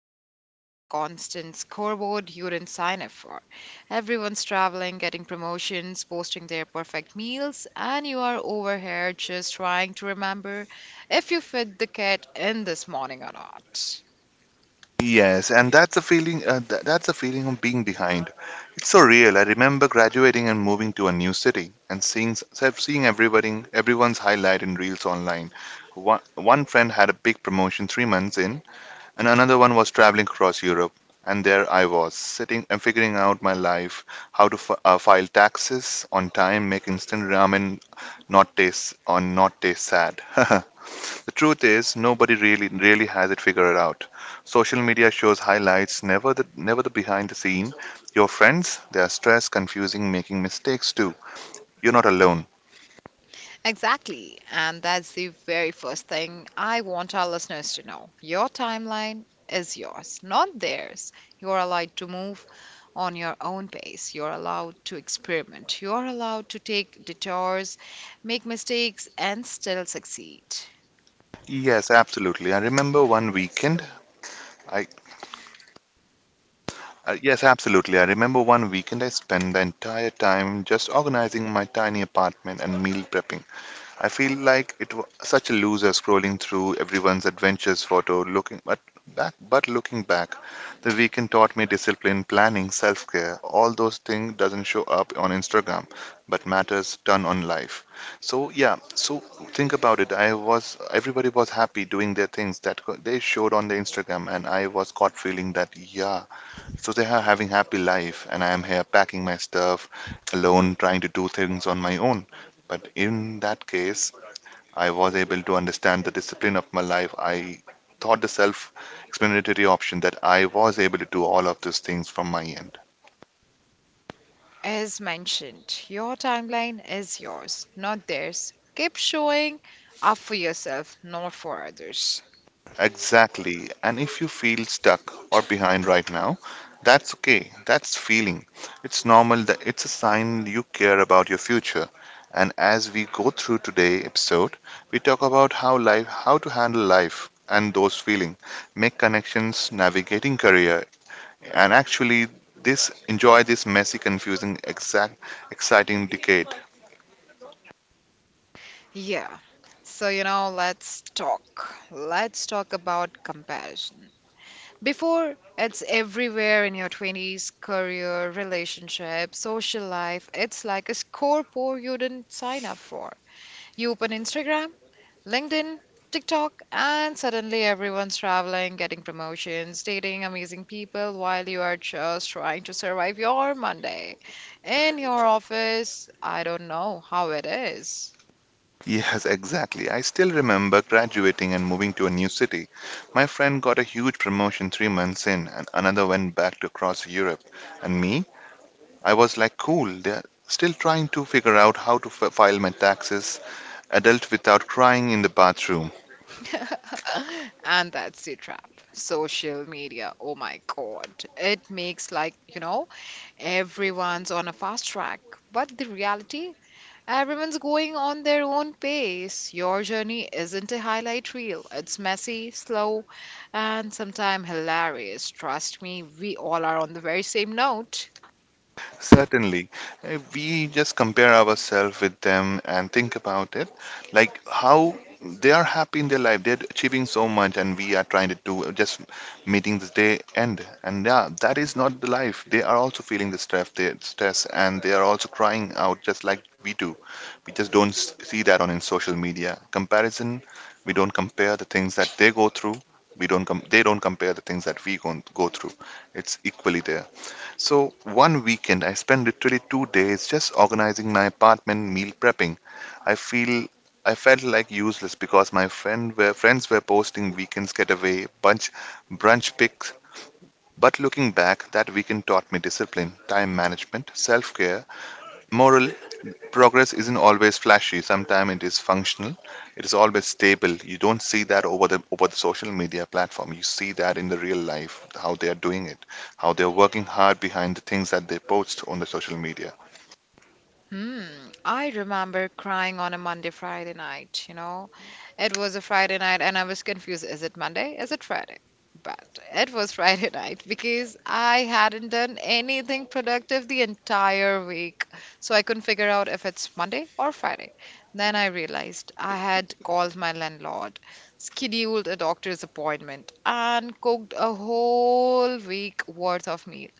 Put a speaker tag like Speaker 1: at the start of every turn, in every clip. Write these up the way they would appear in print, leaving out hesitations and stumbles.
Speaker 1: media. It's like a constant scoreboard you didn't sign up for. Everyone's traveling, getting promotions, posting their perfect meals, and you are over here just trying to remember if you fed the cat in this morning or not.
Speaker 2: Yes, and that's the feeling. That's the feeling of being behind. It's so real. I remember graduating and moving to a new city and seeing everybody everyone's highlight in reels online. One friend had a big promotion 3 months in, and another one was traveling across Europe. And there I was, sitting and figuring out my life, how to file taxes on time, make instant ramen, not taste sad. The truth is, nobody really has it figured out. Social media shows highlights, never the behind the scene. Your friends, they are stressed, confusing, making mistakes too. You're not alone.
Speaker 1: Exactly. And that's the very first thing I want our listeners to know. Your timeline is yours, not theirs. You're allowed to move on your own pace. You're allowed to experiment. You're allowed to take detours, make mistakes, and still succeed.
Speaker 2: Yes, absolutely. I remember one weekend. I yes, absolutely. I remember one weekend I spent the entire time just organizing my tiny apartment and meal prepping. I feel like it was such a loser scrolling through everyone's adventures photo, but looking back, the weekend taught me discipline, planning, self-care. All those things doesn't show up on Instagram, but matters ton on life. So yeah, think about it. I was Everybody was happy doing their things that they showed on the Instagram, and I was caught feeling that, yeah, so they are having happy life, and I am here packing my stuff alone, trying to do things on my own. But in that case, I was able to understand the discipline of my life. I thought the self explanatory option that I was able to do all of those things from my end.
Speaker 1: As mentioned, your timeline is yours, not theirs. Keep showing up for yourself, not for others.
Speaker 2: Exactly. And if you feel stuck or behind right now, that's okay. That's feeling. It's normal that it's a sign you care about your future. And as we go through today episode, we talk about how to handle life and those feeling, make connections, navigating career and actually this messy, confusing, exact exciting decade.
Speaker 1: Yeah. Let's talk. Let's talk about comparison. Before, it's everywhere in your 20s, career, relationship, social life. It's like a scoreboard you didn't sign up for. You open Instagram, LinkedIn, TikTok, and suddenly everyone's traveling, getting promotions, dating amazing people while you are just trying to survive your Monday. In your office, I don't know how it is.
Speaker 2: Yes, exactly, I still remember graduating and moving to a new city. My friend got a huge promotion 3 months in, and another went back to across Europe. And me, I was like, cool, they're still trying to figure out how to file my taxes, adult without crying in the bathroom.
Speaker 1: And that's the trap social media, oh my god, it makes like everyone's on a fast track, but the reality, everyone's going on their own pace. Your journey isn't a highlight reel, it's messy, slow, and sometimes hilarious. Trust me, we all are on the very same note.
Speaker 2: Certainly. If we just compare ourselves with them and think about it, like how they are happy in their life, they're achieving so much, and we are trying to do, just meeting the day end. And yeah, that is not the life. They are also feeling the stress, and they are also crying out just like we do. We just don't see that on in social media. Comparison, we don't compare the things that they go through. We don't com- They don't compare the things that we go through. It's equally there. So one weekend, I spent literally 2 days just organizing my apartment, meal prepping. I feel I felt like useless because friends were posting weekends getaway, brunch pics. But looking back, that weekend taught me discipline, time management, self-care, more. Progress isn't always flashy. Sometimes it is functional. It is always stable. You don't see that over the social media platform. You see that in the real life, how they are doing it, how they are working hard behind the things that they post on the social media.
Speaker 1: Hmm, I remember crying on a Monday, Friday night, it was a Friday night, and I was confused. Is it Monday? Is it Friday? But it was Friday night because I hadn't done anything productive the entire week. So I couldn't figure out if it's Monday or Friday. Then I realized I had called my landlord, scheduled a doctor's appointment, and cooked a whole week worth of meal.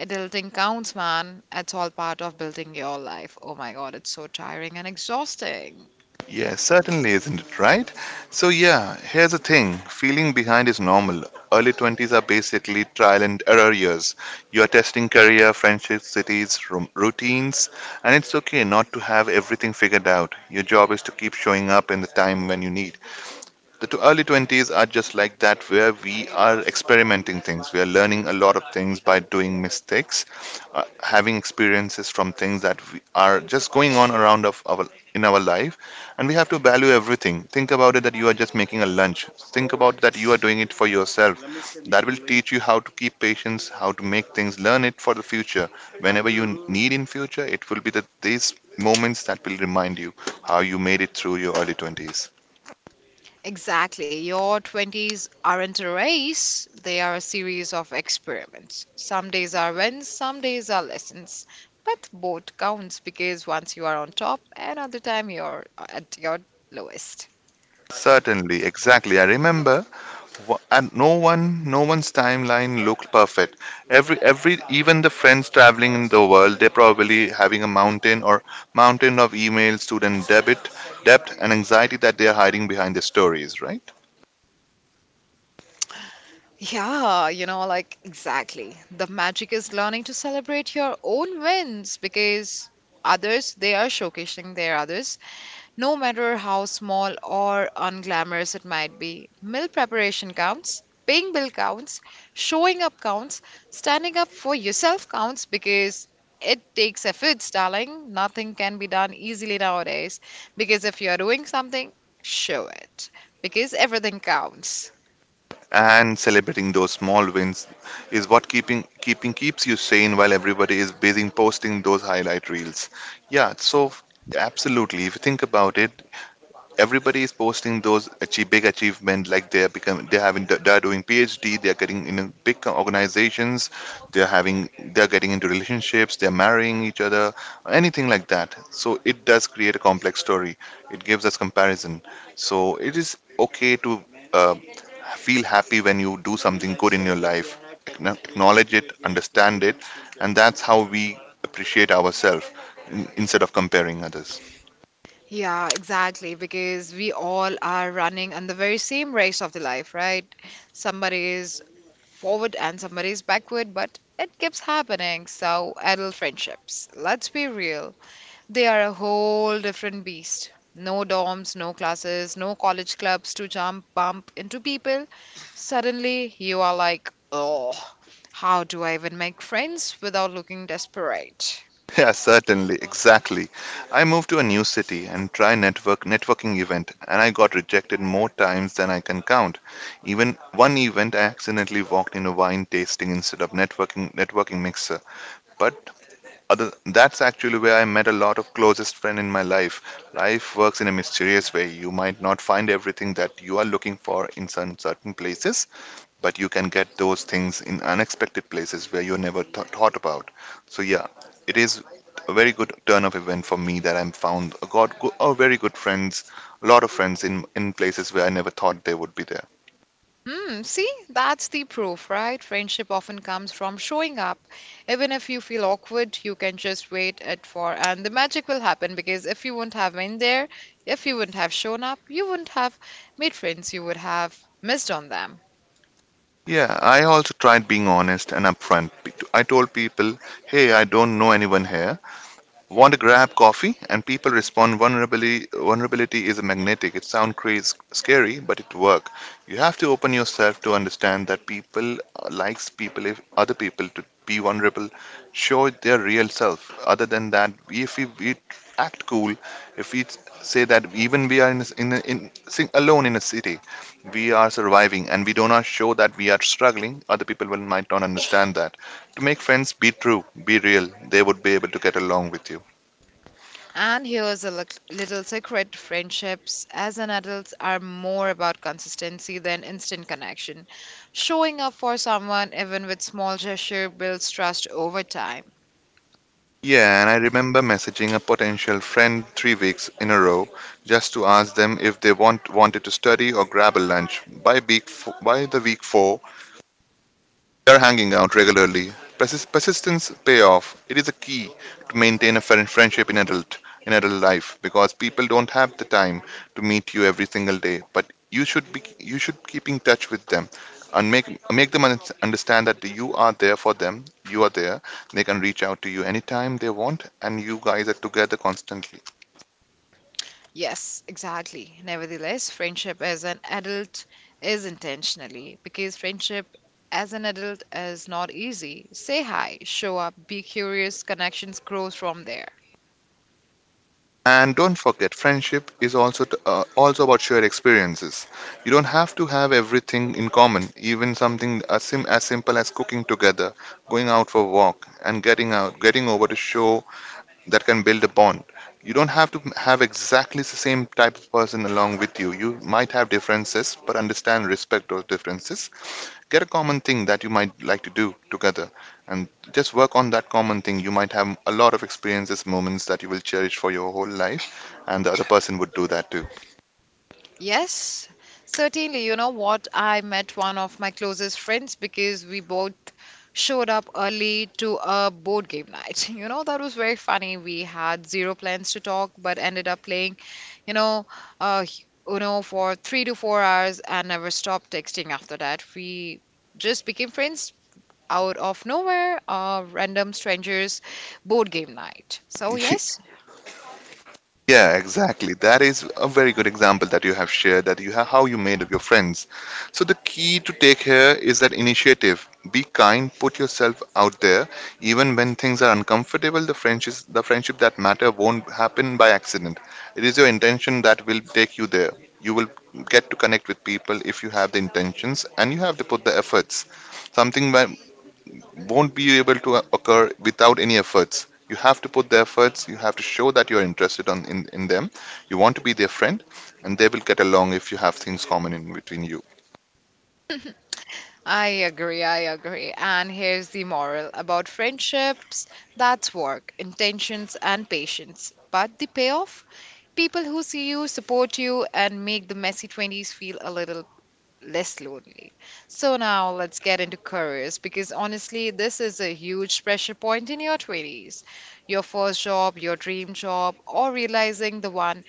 Speaker 1: Adulting counts, man. It's all part of building your life. Oh my god, it's so tiring and exhausting.
Speaker 2: Yes, certainly, isn't it right? So, yeah, here's the thing, feeling behind is normal. Early 20s are basically trial and error years. You are testing career, friendships, cities, routines, and it's okay not to have everything figured out. Your job is to keep showing up in the time when you Early 20s are just like that, where we are experimenting things, we are learning a lot of things by doing mistakes, uh, having experiences from things that we are just going on around of our in our life, and we have to value everything. Think about it, that you are just making a lunch. Think about that you are doing it for yourself. That will teach you how to keep patience, how to make things, learn it for the future. Whenever you need in future, it will be that these moments that will remind you how you made it through your early 20s.
Speaker 1: Exactly. Your 20s aren't a race, they are a series of experiments. Some days are wins, some days are lessons. But both counts because once you are on top, another time you're at your lowest.
Speaker 2: Certainly, exactly. I remember, and no one's timeline looked perfect. Even the friends traveling in the world, they're probably having a mountain or mountain of email, student debt, and anxiety that they're hiding behind their stories, right?
Speaker 1: Yeah, like exactly. The magic is learning to celebrate your own wins because others, they are showcasing their others. No matter how small or unglamorous it might be, meal preparation counts, paying bill counts, showing up counts, standing up for yourself counts, because it takes efforts, darling. Nothing can be done easily nowadays because if you're doing something, show it, because everything counts.
Speaker 2: And celebrating those small wins is what keeping keeping keeps you sane while everybody is busy posting those highlight reels. Yeah, so absolutely. If you think about it, everybody is posting those big achievement, like they're doing PhD, they're getting in big organizations, they're getting into relationships, they're marrying each other, anything like that. So it does create a complex story, it gives us comparison. So it is okay to, uh, feel happy when you do something good in your life. Acknowledge it, understand it, and that's how we appreciate ourselves, instead of comparing others.
Speaker 1: Yeah, exactly. Because we all are running on the very same race of the life, right? Somebody is forward and somebody's backward, but it keeps happening. So, adult friendships, let's be real, they are a whole different beast. No dorms, no classes, no college clubs to jump, bump into people. Suddenly, you are like, oh, how do I even make friends without looking desperate?
Speaker 2: Yeah, certainly, exactly. I moved to a new city and try networking event and I got rejected more times than I can count. Even one event I accidentally walked in a wine tasting instead of networking mixer. But other that's actually where I met a lot of closest friend in my life. Life works in a mysterious way. You might not find everything that you are looking for in some certain places, but you can get those things in unexpected places where you never thought about. So yeah, it is a very good turn of event for me that I'm found a very good friends, a lot of friends in places where I never thought they would be there.
Speaker 1: Mm, see, that's the proof, right? Friendship often comes from showing up. Even if you feel awkward, you can just wait it for, and the magic will happen, because if you wouldn't have been there, if you wouldn't have shown up, you wouldn't have made friends, you would have missed on them.
Speaker 2: Yeah, I also tried being honest and upfront. I told people, "Hey, I don't know anyone here. Want to grab coffee?" And people respond, vulnerability is magnetic. It sounds crazy scary, but it work. You have to open yourself to understand that people, likes people if other people to be vulnerable, show their real self. Other than that, if we act cool, if we say that even we are in sing alone in a city, we are surviving and we do not show that we are struggling, other people will might not understand that. To make friends, be true, be real. They would be able to get along with you.
Speaker 1: And here's a little secret: friendships as an adult are more about consistency than instant connection. Showing up for someone, even with small gesture, builds trust over time.
Speaker 2: Yeah, and I remember messaging a potential friend 3 weeks in a row just to ask them if they wanted to study or grab a lunch. By the week four, we are hanging out regularly. Persistence pay off. It is a key to maintain a friendship in adult life, because people don't have the time to meet you every single day. But you should be, you should keep in touch with them and make them understand that you are there for them. You are there. They can reach out to you anytime they want, and you guys are together constantly.
Speaker 1: Yes, exactly. Nevertheless, friendship as an adult is intentionally because friendship as an adult is not easy. Say hi, show up, be curious, connections grows from there.
Speaker 2: And don't forget, friendship is also also about shared experiences. You don't have to have everything in common, even something as, as simple as cooking together, going out for a walk, and getting over to show, that can build a bond. You don't have to have exactly the same type of person along with you. You might have differences, but understand, respect those differences, get a common thing that you might like to do together, and just work on that common thing. You might have a lot of experiences moments that you will cherish for your whole life, and the other person would do that too.
Speaker 1: Yes, certainly. You know what? I met one of my closest friends because we both showed up early to a board game night. You know, that was very funny. We had zero plans to talk, but ended up playing, you know, uh, Uno for 3 to 4 hours and never stopped texting after that. We just became friends out of nowhere, random strangers, board game night. So, yes.
Speaker 2: Yeah, exactly. That is a very good example that you have shared, that you have how you made of your friends. So the key to take here is that initiative. Be kind, put yourself out there. Even when things are uncomfortable, the friendship that matter won't happen by accident. It is your intention that will take you there. You will get to connect with people if you have the intentions, and you have to put the efforts. Something where, won't be able to occur without any efforts. You have to put the efforts, you have to show that you are interested on, in them, you want to be their friend, and they will get along if you have things common in between you.
Speaker 1: I agree, I agree. And here's the moral about friendships: that's work, intentions, and patience. But the payoff? People who see you, support you, and make the messy 20s feel a little less lonely. So now let's get into careers, because honestly, this is a huge pressure point in your 20s. Your first job, your dream job, or realizing the one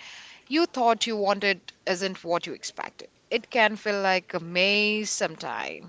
Speaker 1: you thought you wanted isn't what you expected. It can feel like a maze sometimes.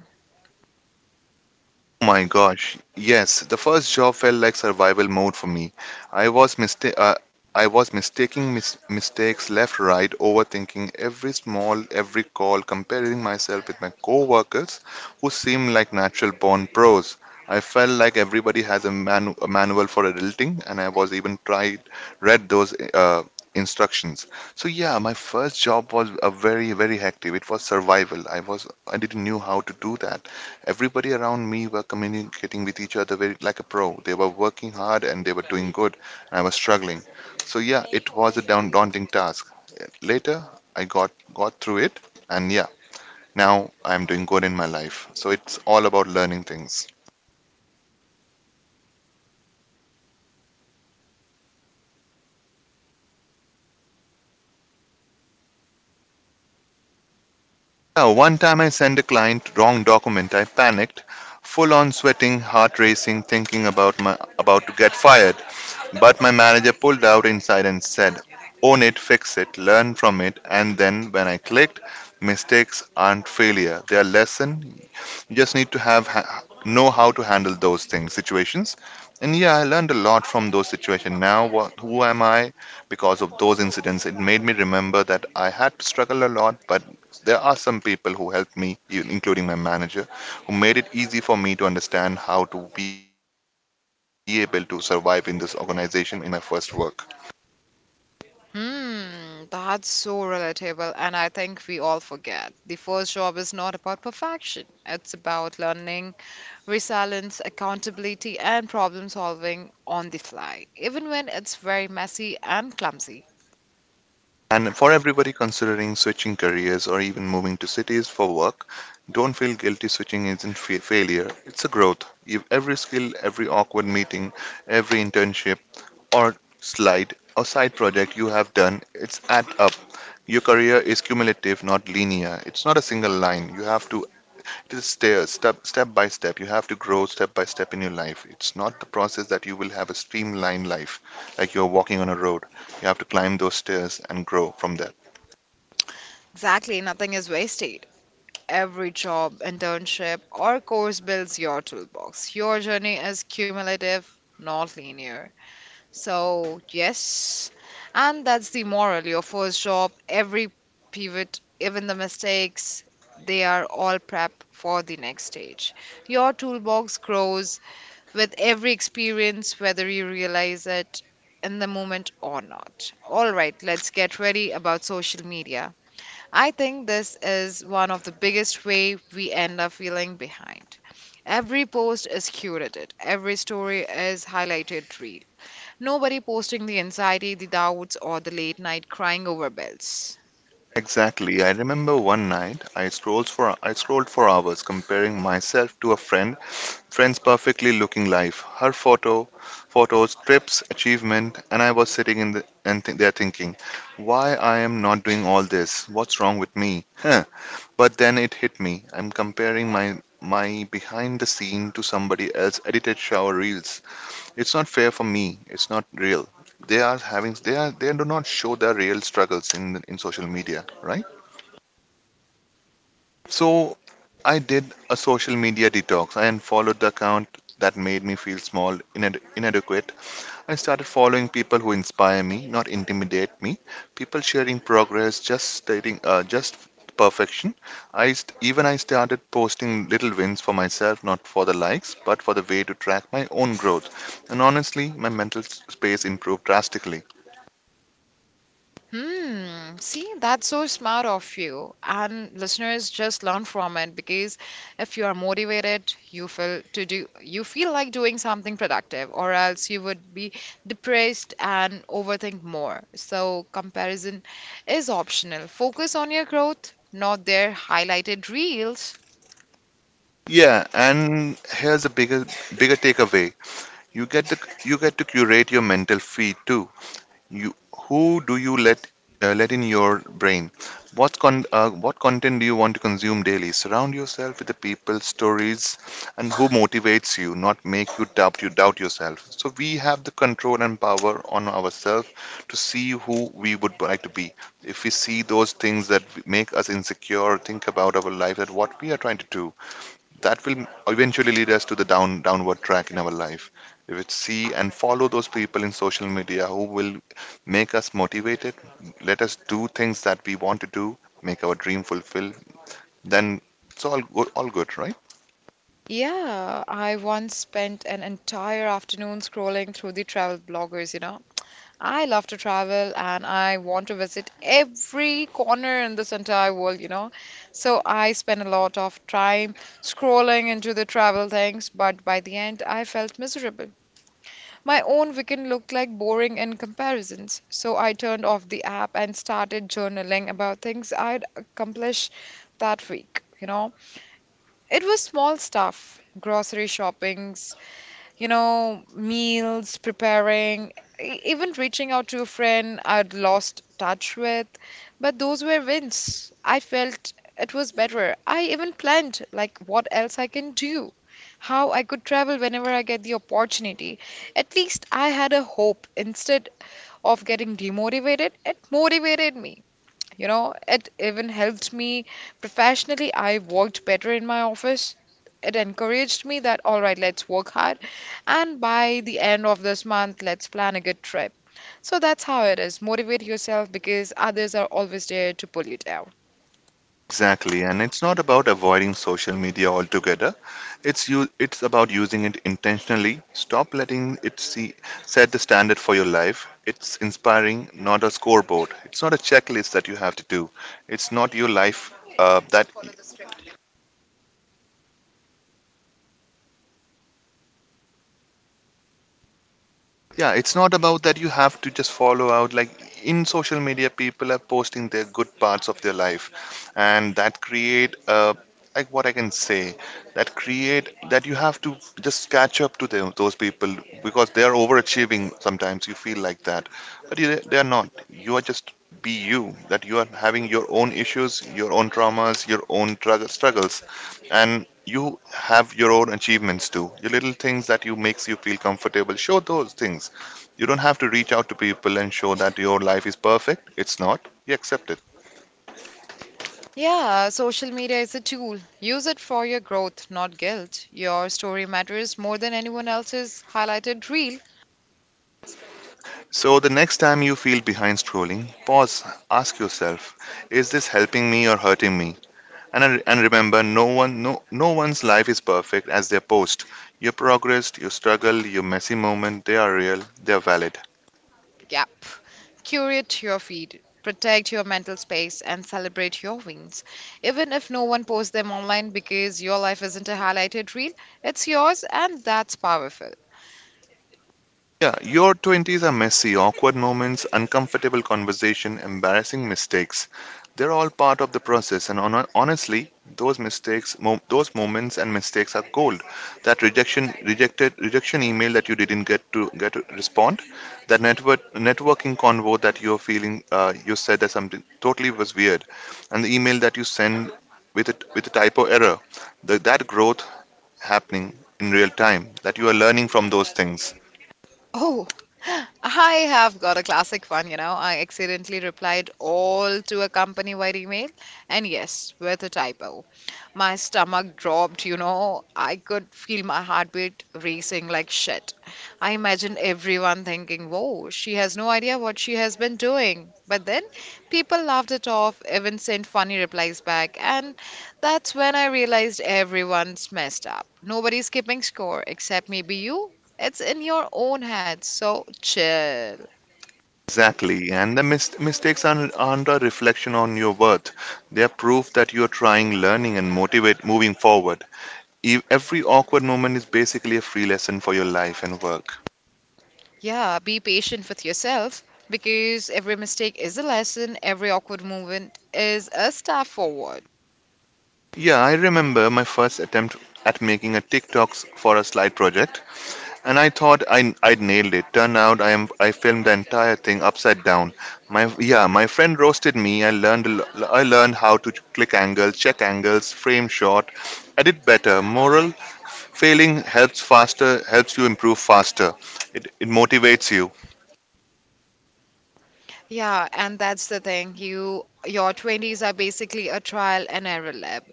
Speaker 2: Oh my gosh, yes. The first job felt like survival mode for me. I was mista- uh, I was mistaking mistakes left, right, overthinking every call, comparing myself with my co-workers who seemed like natural born pros. I felt like everybody has a manual for adulting, and I was even tried read those instructions. So yeah, my first job was a very hectic. It was survival. I didn't knew how to do that. Everybody around me were communicating with each other very like a pro. They were working hard and they were doing good. And I was struggling. So yeah, it was a down daunting task. Later, I got through it, and yeah, now I am doing good in my life. So it's all about learning things. Now, one time I sent a client wrong document. I panicked, full on sweating, heart racing, thinking about to get fired. But my manager pulled out inside and said, own it, fix it, learn from it. And then when I clicked, mistakes aren't failure, they are lesson. You just need to know how to handle those things, situations. And yeah, I learned a lot from those situations. Now, who am I? Because of those incidents, it made me remember that I had to struggle a lot, but there are some people who helped me, including my manager, who made it easy for me to understand how to be able to survive in this organization in my first work.
Speaker 1: Hmm, that's so relatable, and I think we all forget. The first job is not about perfection, it's about learning, resilience, accountability, and problem solving on the fly, even when it's very messy and clumsy.
Speaker 2: And for everybody considering switching careers or even moving to cities for work, don't feel guilty, switching isn't failure. It's a growth. You, every skill, every awkward meeting, every internship or slide or side project you have done, it's add up. Your career is cumulative, not linear. It's not a single line. You have to it is stairs, step by step. You have to grow step by step in your life. It's not the process that you will have a streamlined life, like you're walking on a road. You have to climb those stairs and grow from there.
Speaker 1: Exactly, nothing is wasted. Every job, internship, or course builds your toolbox. Your journey is cumulative, not linear. So, yes, and that's the moral. Your first job, every pivot, even the mistakes, they are all prep for the next stage. Your toolbox grows with every experience, whether you realize it in the moment or not. All right, let's get ready about social media. I think this is one of the biggest way we end up feeling behind. Every post is curated, every story is highlighted real. Nobody posting the anxiety, the doubts, or the late night crying over bills.
Speaker 2: Exactly. I remember one night I scrolled for hours comparing myself to a friend's perfectly looking life, her photos, trips, achievement, and I was sitting in the, and th- there thinking, why I am not doing all this? What's wrong with me? Huh. But then it hit me. I'm comparing my behind the scene to somebody else edited shower reels. It's not fair for me. It's not real. They are having they are they do not show their real struggles in social media, right? So I did a social media detox. I unfollowed the account that made me feel small, inadequate. I started following people who inspire me, not intimidate me. People sharing progress, just stating, just perfection. Even I started posting little wins for myself, not for the likes, but for the way to track my own growth. And honestly, my mental space improved drastically.
Speaker 1: Hmm, see, that's so smart of you. And listeners, just learn from it, because if you are motivated, you feel like doing something productive, or else you would be depressed and overthink more. So comparison is optional. Focus on your growth, not their highlighted reels.
Speaker 2: Yeah, and here's a bigger takeaway. You get to you get to curate your mental feed too. You, who do you let in your brain? What content do you want to consume daily? Surround yourself with the people, stories, and who motivates you, not make you doubt yourself. So we have the control and power on ourselves to see who we would like to be. If we see those things that make us insecure, think about our life, that what we are trying to do, that will eventually lead us to the downward track in our life. We would see and follow those people in social media who will make us motivated, let us do things that we want to do, make our dream fulfill. Then it's all good, right?
Speaker 1: Yeah, I once spent an entire afternoon scrolling through the travel bloggers, you know. I love to travel and I want to visit every corner in this entire world, you know. So I spent a lot of time scrolling into the travel things, but by the end I felt miserable. My own weekend looked like boring in comparisons. So I turned off the app and started journaling about things I'd accomplished that week, you know. It was small stuff: grocery shopping, meals, preparing, even reaching out to a friend I'd lost touch with. But those were wins. I felt it was better. I even planned like what else I can do, how I could travel whenever I get the opportunity. At least I had a hope. Instead of getting demotivated, it motivated me. You know, it even helped me professionally. I worked better in my office. It encouraged me that, all right, let's work hard. And by the end of this month, let's plan a good trip. So that's how it is. Motivate yourself because others are always there to pull you down.
Speaker 2: Exactly, and it's not about avoiding social media altogether. It's you. It's about using it intentionally. Stop letting it see set the standard for your life. It's inspiring, not a scoreboard. It's not a checklist that you have to do. It's not your life that. Yeah, it's not about that. You have to just follow out, like in social media people are posting their good parts of their life, and that create a, like, what I can say, that create that you have to just catch up to them, those people, because they are overachieving. Sometimes you feel like that, but you, they are not. You are just be you, that you are having your own issues, your own traumas, your own struggles, and you have your own achievements too. Your little things that you makes you feel comfortable, show those things. You don't have to reach out to people and show that your life is perfect. It's not. You accept it.
Speaker 1: Yeah, social media is a tool. Use it for your growth, not guilt. Your story matters more than anyone else's highlighted reel.
Speaker 2: So the next time you feel behind scrolling, pause, ask yourself, is this helping me or hurting me? And remember, no one's life is perfect as their post. Your progress, your struggle, your messy moment, they are real, they are valid.
Speaker 1: Yep. Curate your feed, protect your mental space, and celebrate your wins. Even if no one posts them online, because your life isn't a highlighted reel, it's yours, and that's powerful.
Speaker 2: Yeah, your 20s are messy, awkward moments, uncomfortable conversation, embarrassing mistakes. They're all part of the process, and honestly, those moments and mistakes are gold. That rejection email that you didn't get to respond, that networking convo that you're feeling, you said that something totally was weird, and the email that you send with a typo error, that growth happening in real time, that you are learning from those things.
Speaker 1: Oh, I have got a classic one, you know. I accidentally replied all to a company wide email, and yes, with a typo. My stomach dropped, you know. I could feel my heartbeat racing like shit. I imagined everyone thinking, whoa, she has no idea what she has been doing. But then people laughed it off, even sent funny replies back. And that's when I realized everyone's messed up. Nobody's keeping score except maybe you. It's in your own hands, so chill.
Speaker 2: Exactly, and the mistakes aren't a reflection on your worth. They're proof that you're trying, learning, and motivate moving forward. Every awkward moment is basically a free lesson for your life and work.
Speaker 1: Yeah, be patient with yourself because every mistake is a lesson, every awkward movement is a step forward.
Speaker 2: Yeah, I remember my first attempt at making a TikToks for a slide project, and I thought I'd nailed it. Turned out I filmed the entire thing upside down. My Yeah, my friend roasted me. I learned how to check angles, frame shot. I did better. Moral: failing helps you improve faster. It motivates you.
Speaker 1: Yeah, and that's the thing. Your 20s are basically a trial and error lab.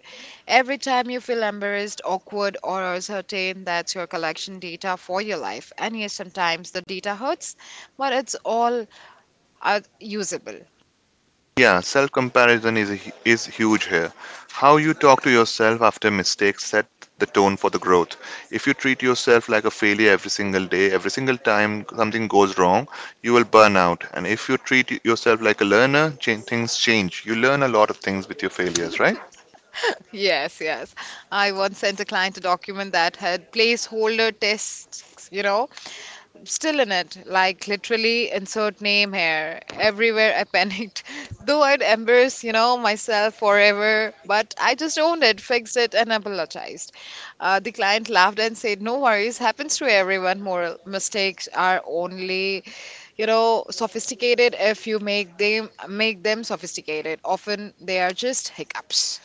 Speaker 1: Every time you feel embarrassed, awkward, or uncertain, that's your collection data for your life. And yes, sometimes the data hurts, but it's all usable.
Speaker 2: Yeah, self comparison is huge here. How you talk to yourself after mistakes set the tone for the growth. If you treat yourself like a failure every single day, every single time something goes wrong, you will burn out. And if you treat yourself like a learner, things change. You learn a lot of things with your failures, right?
Speaker 1: Yes, yes. I once sent a client a document that had placeholder tests, you know, still in it, like literally insert name here. Everywhere I panicked, though I'd embarrass, you know, myself forever. But I just owned it, fixed it, and apologized. The client laughed and said, "No worries, happens to everyone. Moral mistakes are only." Sophisticated, if you make them sophisticated often, they are just hiccups.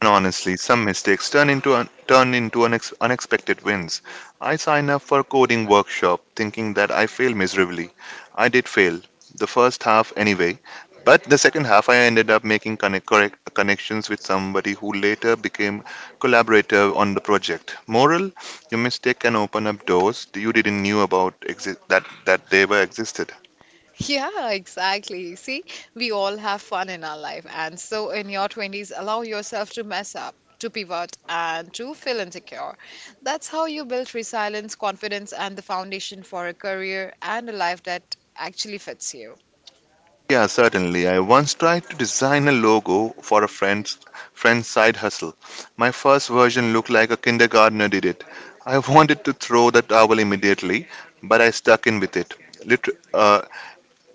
Speaker 2: And honestly, some mistakes turned into unexpected wins. I signed up for a coding workshop thinking that I failed miserably. I did fail, the first half anyway, but the second half I ended up making correct connections with somebody who later became collaborator on the project. Moral: your mistake can open up doors you didn't knew about that they were existed.
Speaker 1: Yeah, exactly. See, we all have fun in our life. And so in your 20s, allow yourself to mess up, to pivot, and to feel insecure. That's how you build resilience, confidence, and the foundation for a career and a life that actually fits you.
Speaker 2: Yeah, certainly. I once tried to design a logo for a friend's side hustle. My first version looked like a kindergartner did it. I wanted to throw the towel immediately, but I stuck in with it. Lit- uh,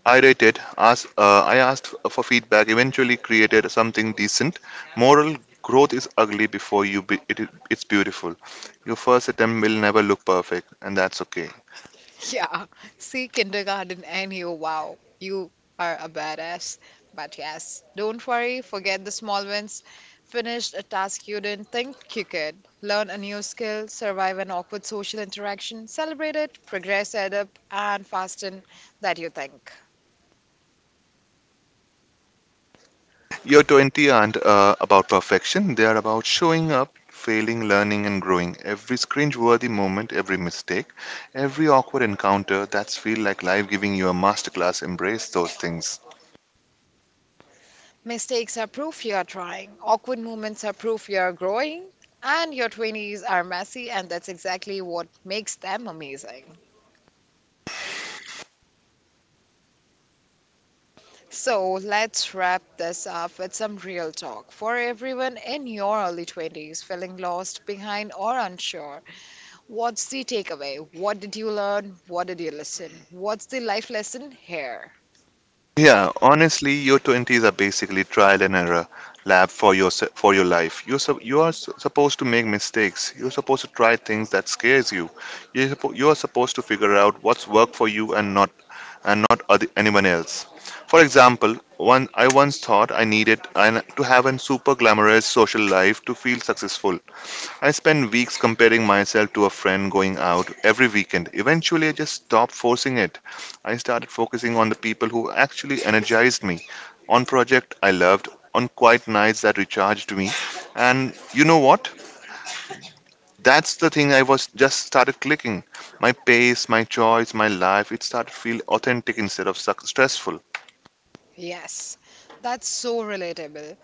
Speaker 2: Irritated, I asked for feedback. Eventually, created something decent. Moral: growth is ugly before it's beautiful. Your first attempt will never look perfect, and that's okay.
Speaker 1: Yeah, see kindergarten and you, wow, you are a badass. But yes, don't worry, forget the small wins. Finish a task you didn't think you could. Learn a new skill, survive an awkward social interaction, celebrate it, progress, add up, and fasten that you think.
Speaker 2: Your 20 aren't about perfection, they are about showing up, failing, learning, and growing. Every cringe-worthy moment, every mistake, every awkward encounter that's feel like life giving you a masterclass, embrace those things.
Speaker 1: Mistakes are proof you are trying, awkward moments are proof you are growing, and your 20s are messy, and that's exactly what makes them amazing. So let's wrap this up with some real talk for everyone in your early 20s feeling lost, behind, or unsure. What's the takeaway? What did you learn? What did you listen? What's the life lesson here?
Speaker 2: Yeah, honestly, your 20s are basically trial and error lab for your life. You are supposed to make mistakes. You're supposed to try things that scares you. You're supposed to figure out what's worked for you and not anyone else. For example, one I once thought I needed to have a super glamorous social life to feel successful. I spent weeks comparing myself to a friend going out every weekend. Eventually, I just stopped forcing it. I started focusing on the people who actually energized me, on project I loved, on quiet nights that recharged me. And you know what? That's the thing I was just started clicking. My pace, my choice, my life, it started to feel authentic instead of stressful.
Speaker 1: Yes, that's so relatable.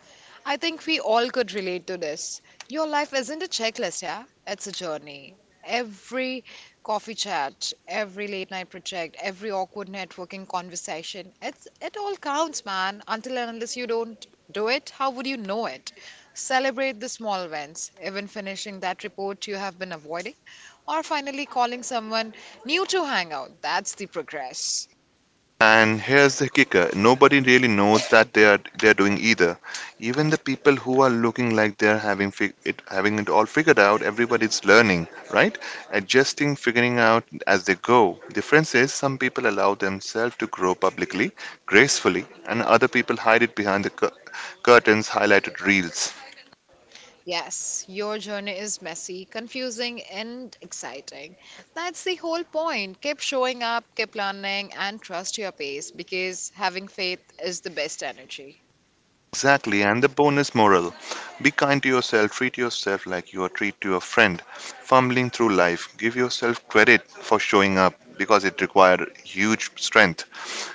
Speaker 1: I think we all could relate to this. Your life isn't a checklist, yeah? It's a journey. Every coffee chat, every late night project, every awkward networking conversation, it all counts, man. Until and unless you don't do it, how would you know it? Celebrate the small wins, even finishing that report you have been avoiding, or finally calling someone new to hang out. That's the progress.
Speaker 2: And here's the kicker, nobody really knows that they're doing either. Even the people who are looking like they're having it all figured out, everybody's learning, right? Adjusting, figuring out as they go. Difference is some people allow themselves to grow publicly, gracefully, and other people hide it behind the curtains, highlighted reels.
Speaker 1: Yes, your journey is messy, confusing, and exciting. That's the whole point. Keep showing up, keep learning, and trust your pace because having faith is the best energy.
Speaker 2: Exactly, and the bonus moral: be kind to yourself, treat yourself like you are treat to a friend. Fumbling through life, give yourself credit for showing up because it required huge strength.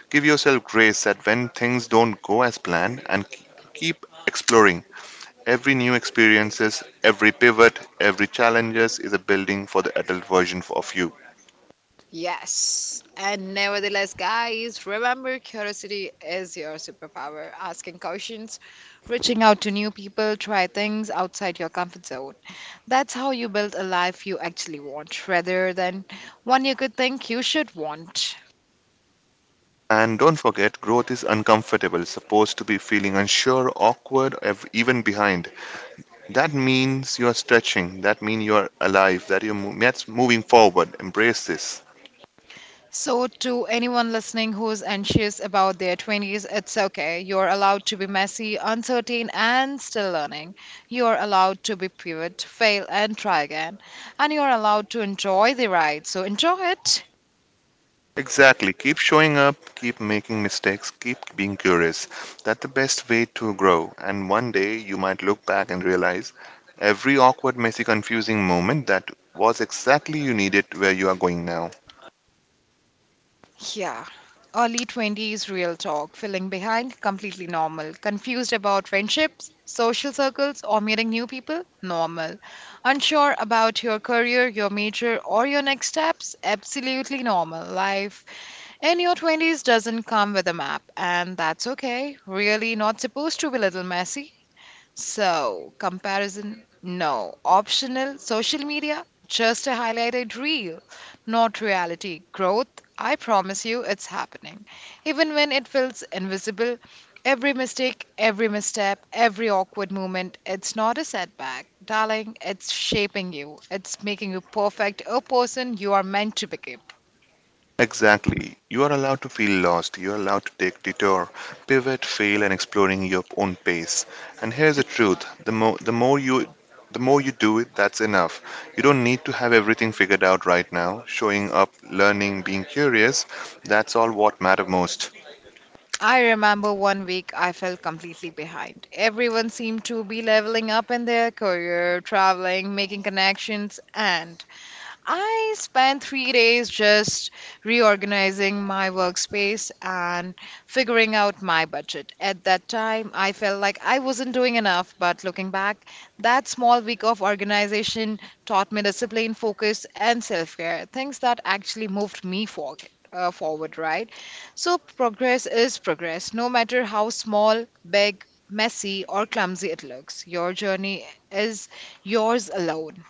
Speaker 2: Give yourself grace that when things don't go as planned, and keep exploring. Every new experiences, every pivot, every challenges is a building for the adult version of you.
Speaker 1: Yes, and nevertheless, guys, remember curiosity is your superpower. Asking questions, reaching out to new people, try things outside your comfort zone. That's how you build a life you actually want rather than one you could think you should want.
Speaker 2: And don't forget, growth is uncomfortable, supposed to be feeling unsure, awkward, even behind. That means you are stretching. That means you are alive. That's moving forward. Embrace this.
Speaker 1: So, to anyone listening who's anxious about their 20s, it's okay. You're allowed to be messy, uncertain, and still learning. You're allowed to be pivot, fail, and try again. And you're allowed to enjoy the ride. So, enjoy it.
Speaker 2: Exactly. Keep showing up. Keep making mistakes. Keep being curious. That's the best way to grow. And one day you might look back and realize every awkward, messy, confusing moment that was exactly you needed where you are going now.
Speaker 1: Yeah. Early 20s real talk, feeling behind, completely normal. Confused about friendships, social circles, or meeting new people, normal. Unsure about your career, your major, or your next steps, absolutely normal. Life in your 20s doesn't come with a map, and that's okay. Really not supposed to be a little messy. So, comparison, no. Optional social media, just a highlighted reel, not reality. Growth, I promise you, it's happening. Even when it feels invisible, every mistake, every misstep, every awkward moment, it's not a setback. Darling, it's shaping you, it's making you perfect, a person you are meant to become.
Speaker 2: Exactly. You are allowed to feel lost. You are allowed to take detour, pivot, fail, and exploring your own pace. And here's the truth: the more you do it, that's enough. You don't need to have everything figured out right now. Showing up, learning, being curious, that's all what matter most.
Speaker 1: I remember 1 week I felt completely behind. Everyone seemed to be leveling up in their career, traveling, making connections, and I spent 3 days just reorganizing my workspace and figuring out my budget. At that time, I felt like I wasn't doing enough, but looking back, that small week of organization taught me discipline, focus, and self care things that actually moved me forward. Forward, right? So, progress is progress, no matter how small, big, messy, or clumsy it looks. Your journey is yours alone.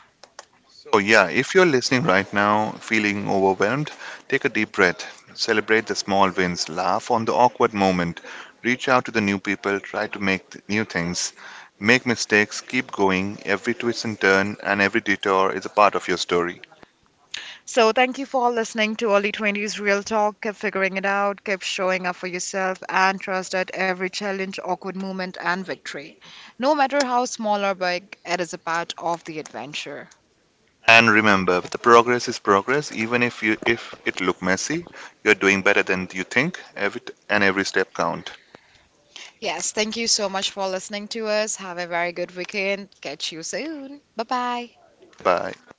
Speaker 2: So, yeah, if you're listening right now feeling overwhelmed, take a deep breath, celebrate the small wins, laugh on the awkward moment, reach out to the new people, try to make new things, make mistakes, keep going. Every twist and turn and every detour is a part of your story.
Speaker 1: So, thank you for listening to Early 20s Real Talk. Keep figuring it out, keep showing up for yourself, and trust that every challenge, awkward moment, and victory, no matter how small or big, it is a part of the adventure.
Speaker 2: And remember, the progress is progress. Even if you if it look messy, you're doing better than you think. And every step count.
Speaker 1: Yes, thank you so much for listening to us. Have a very good weekend. Catch you soon. Bye bye.
Speaker 2: Bye.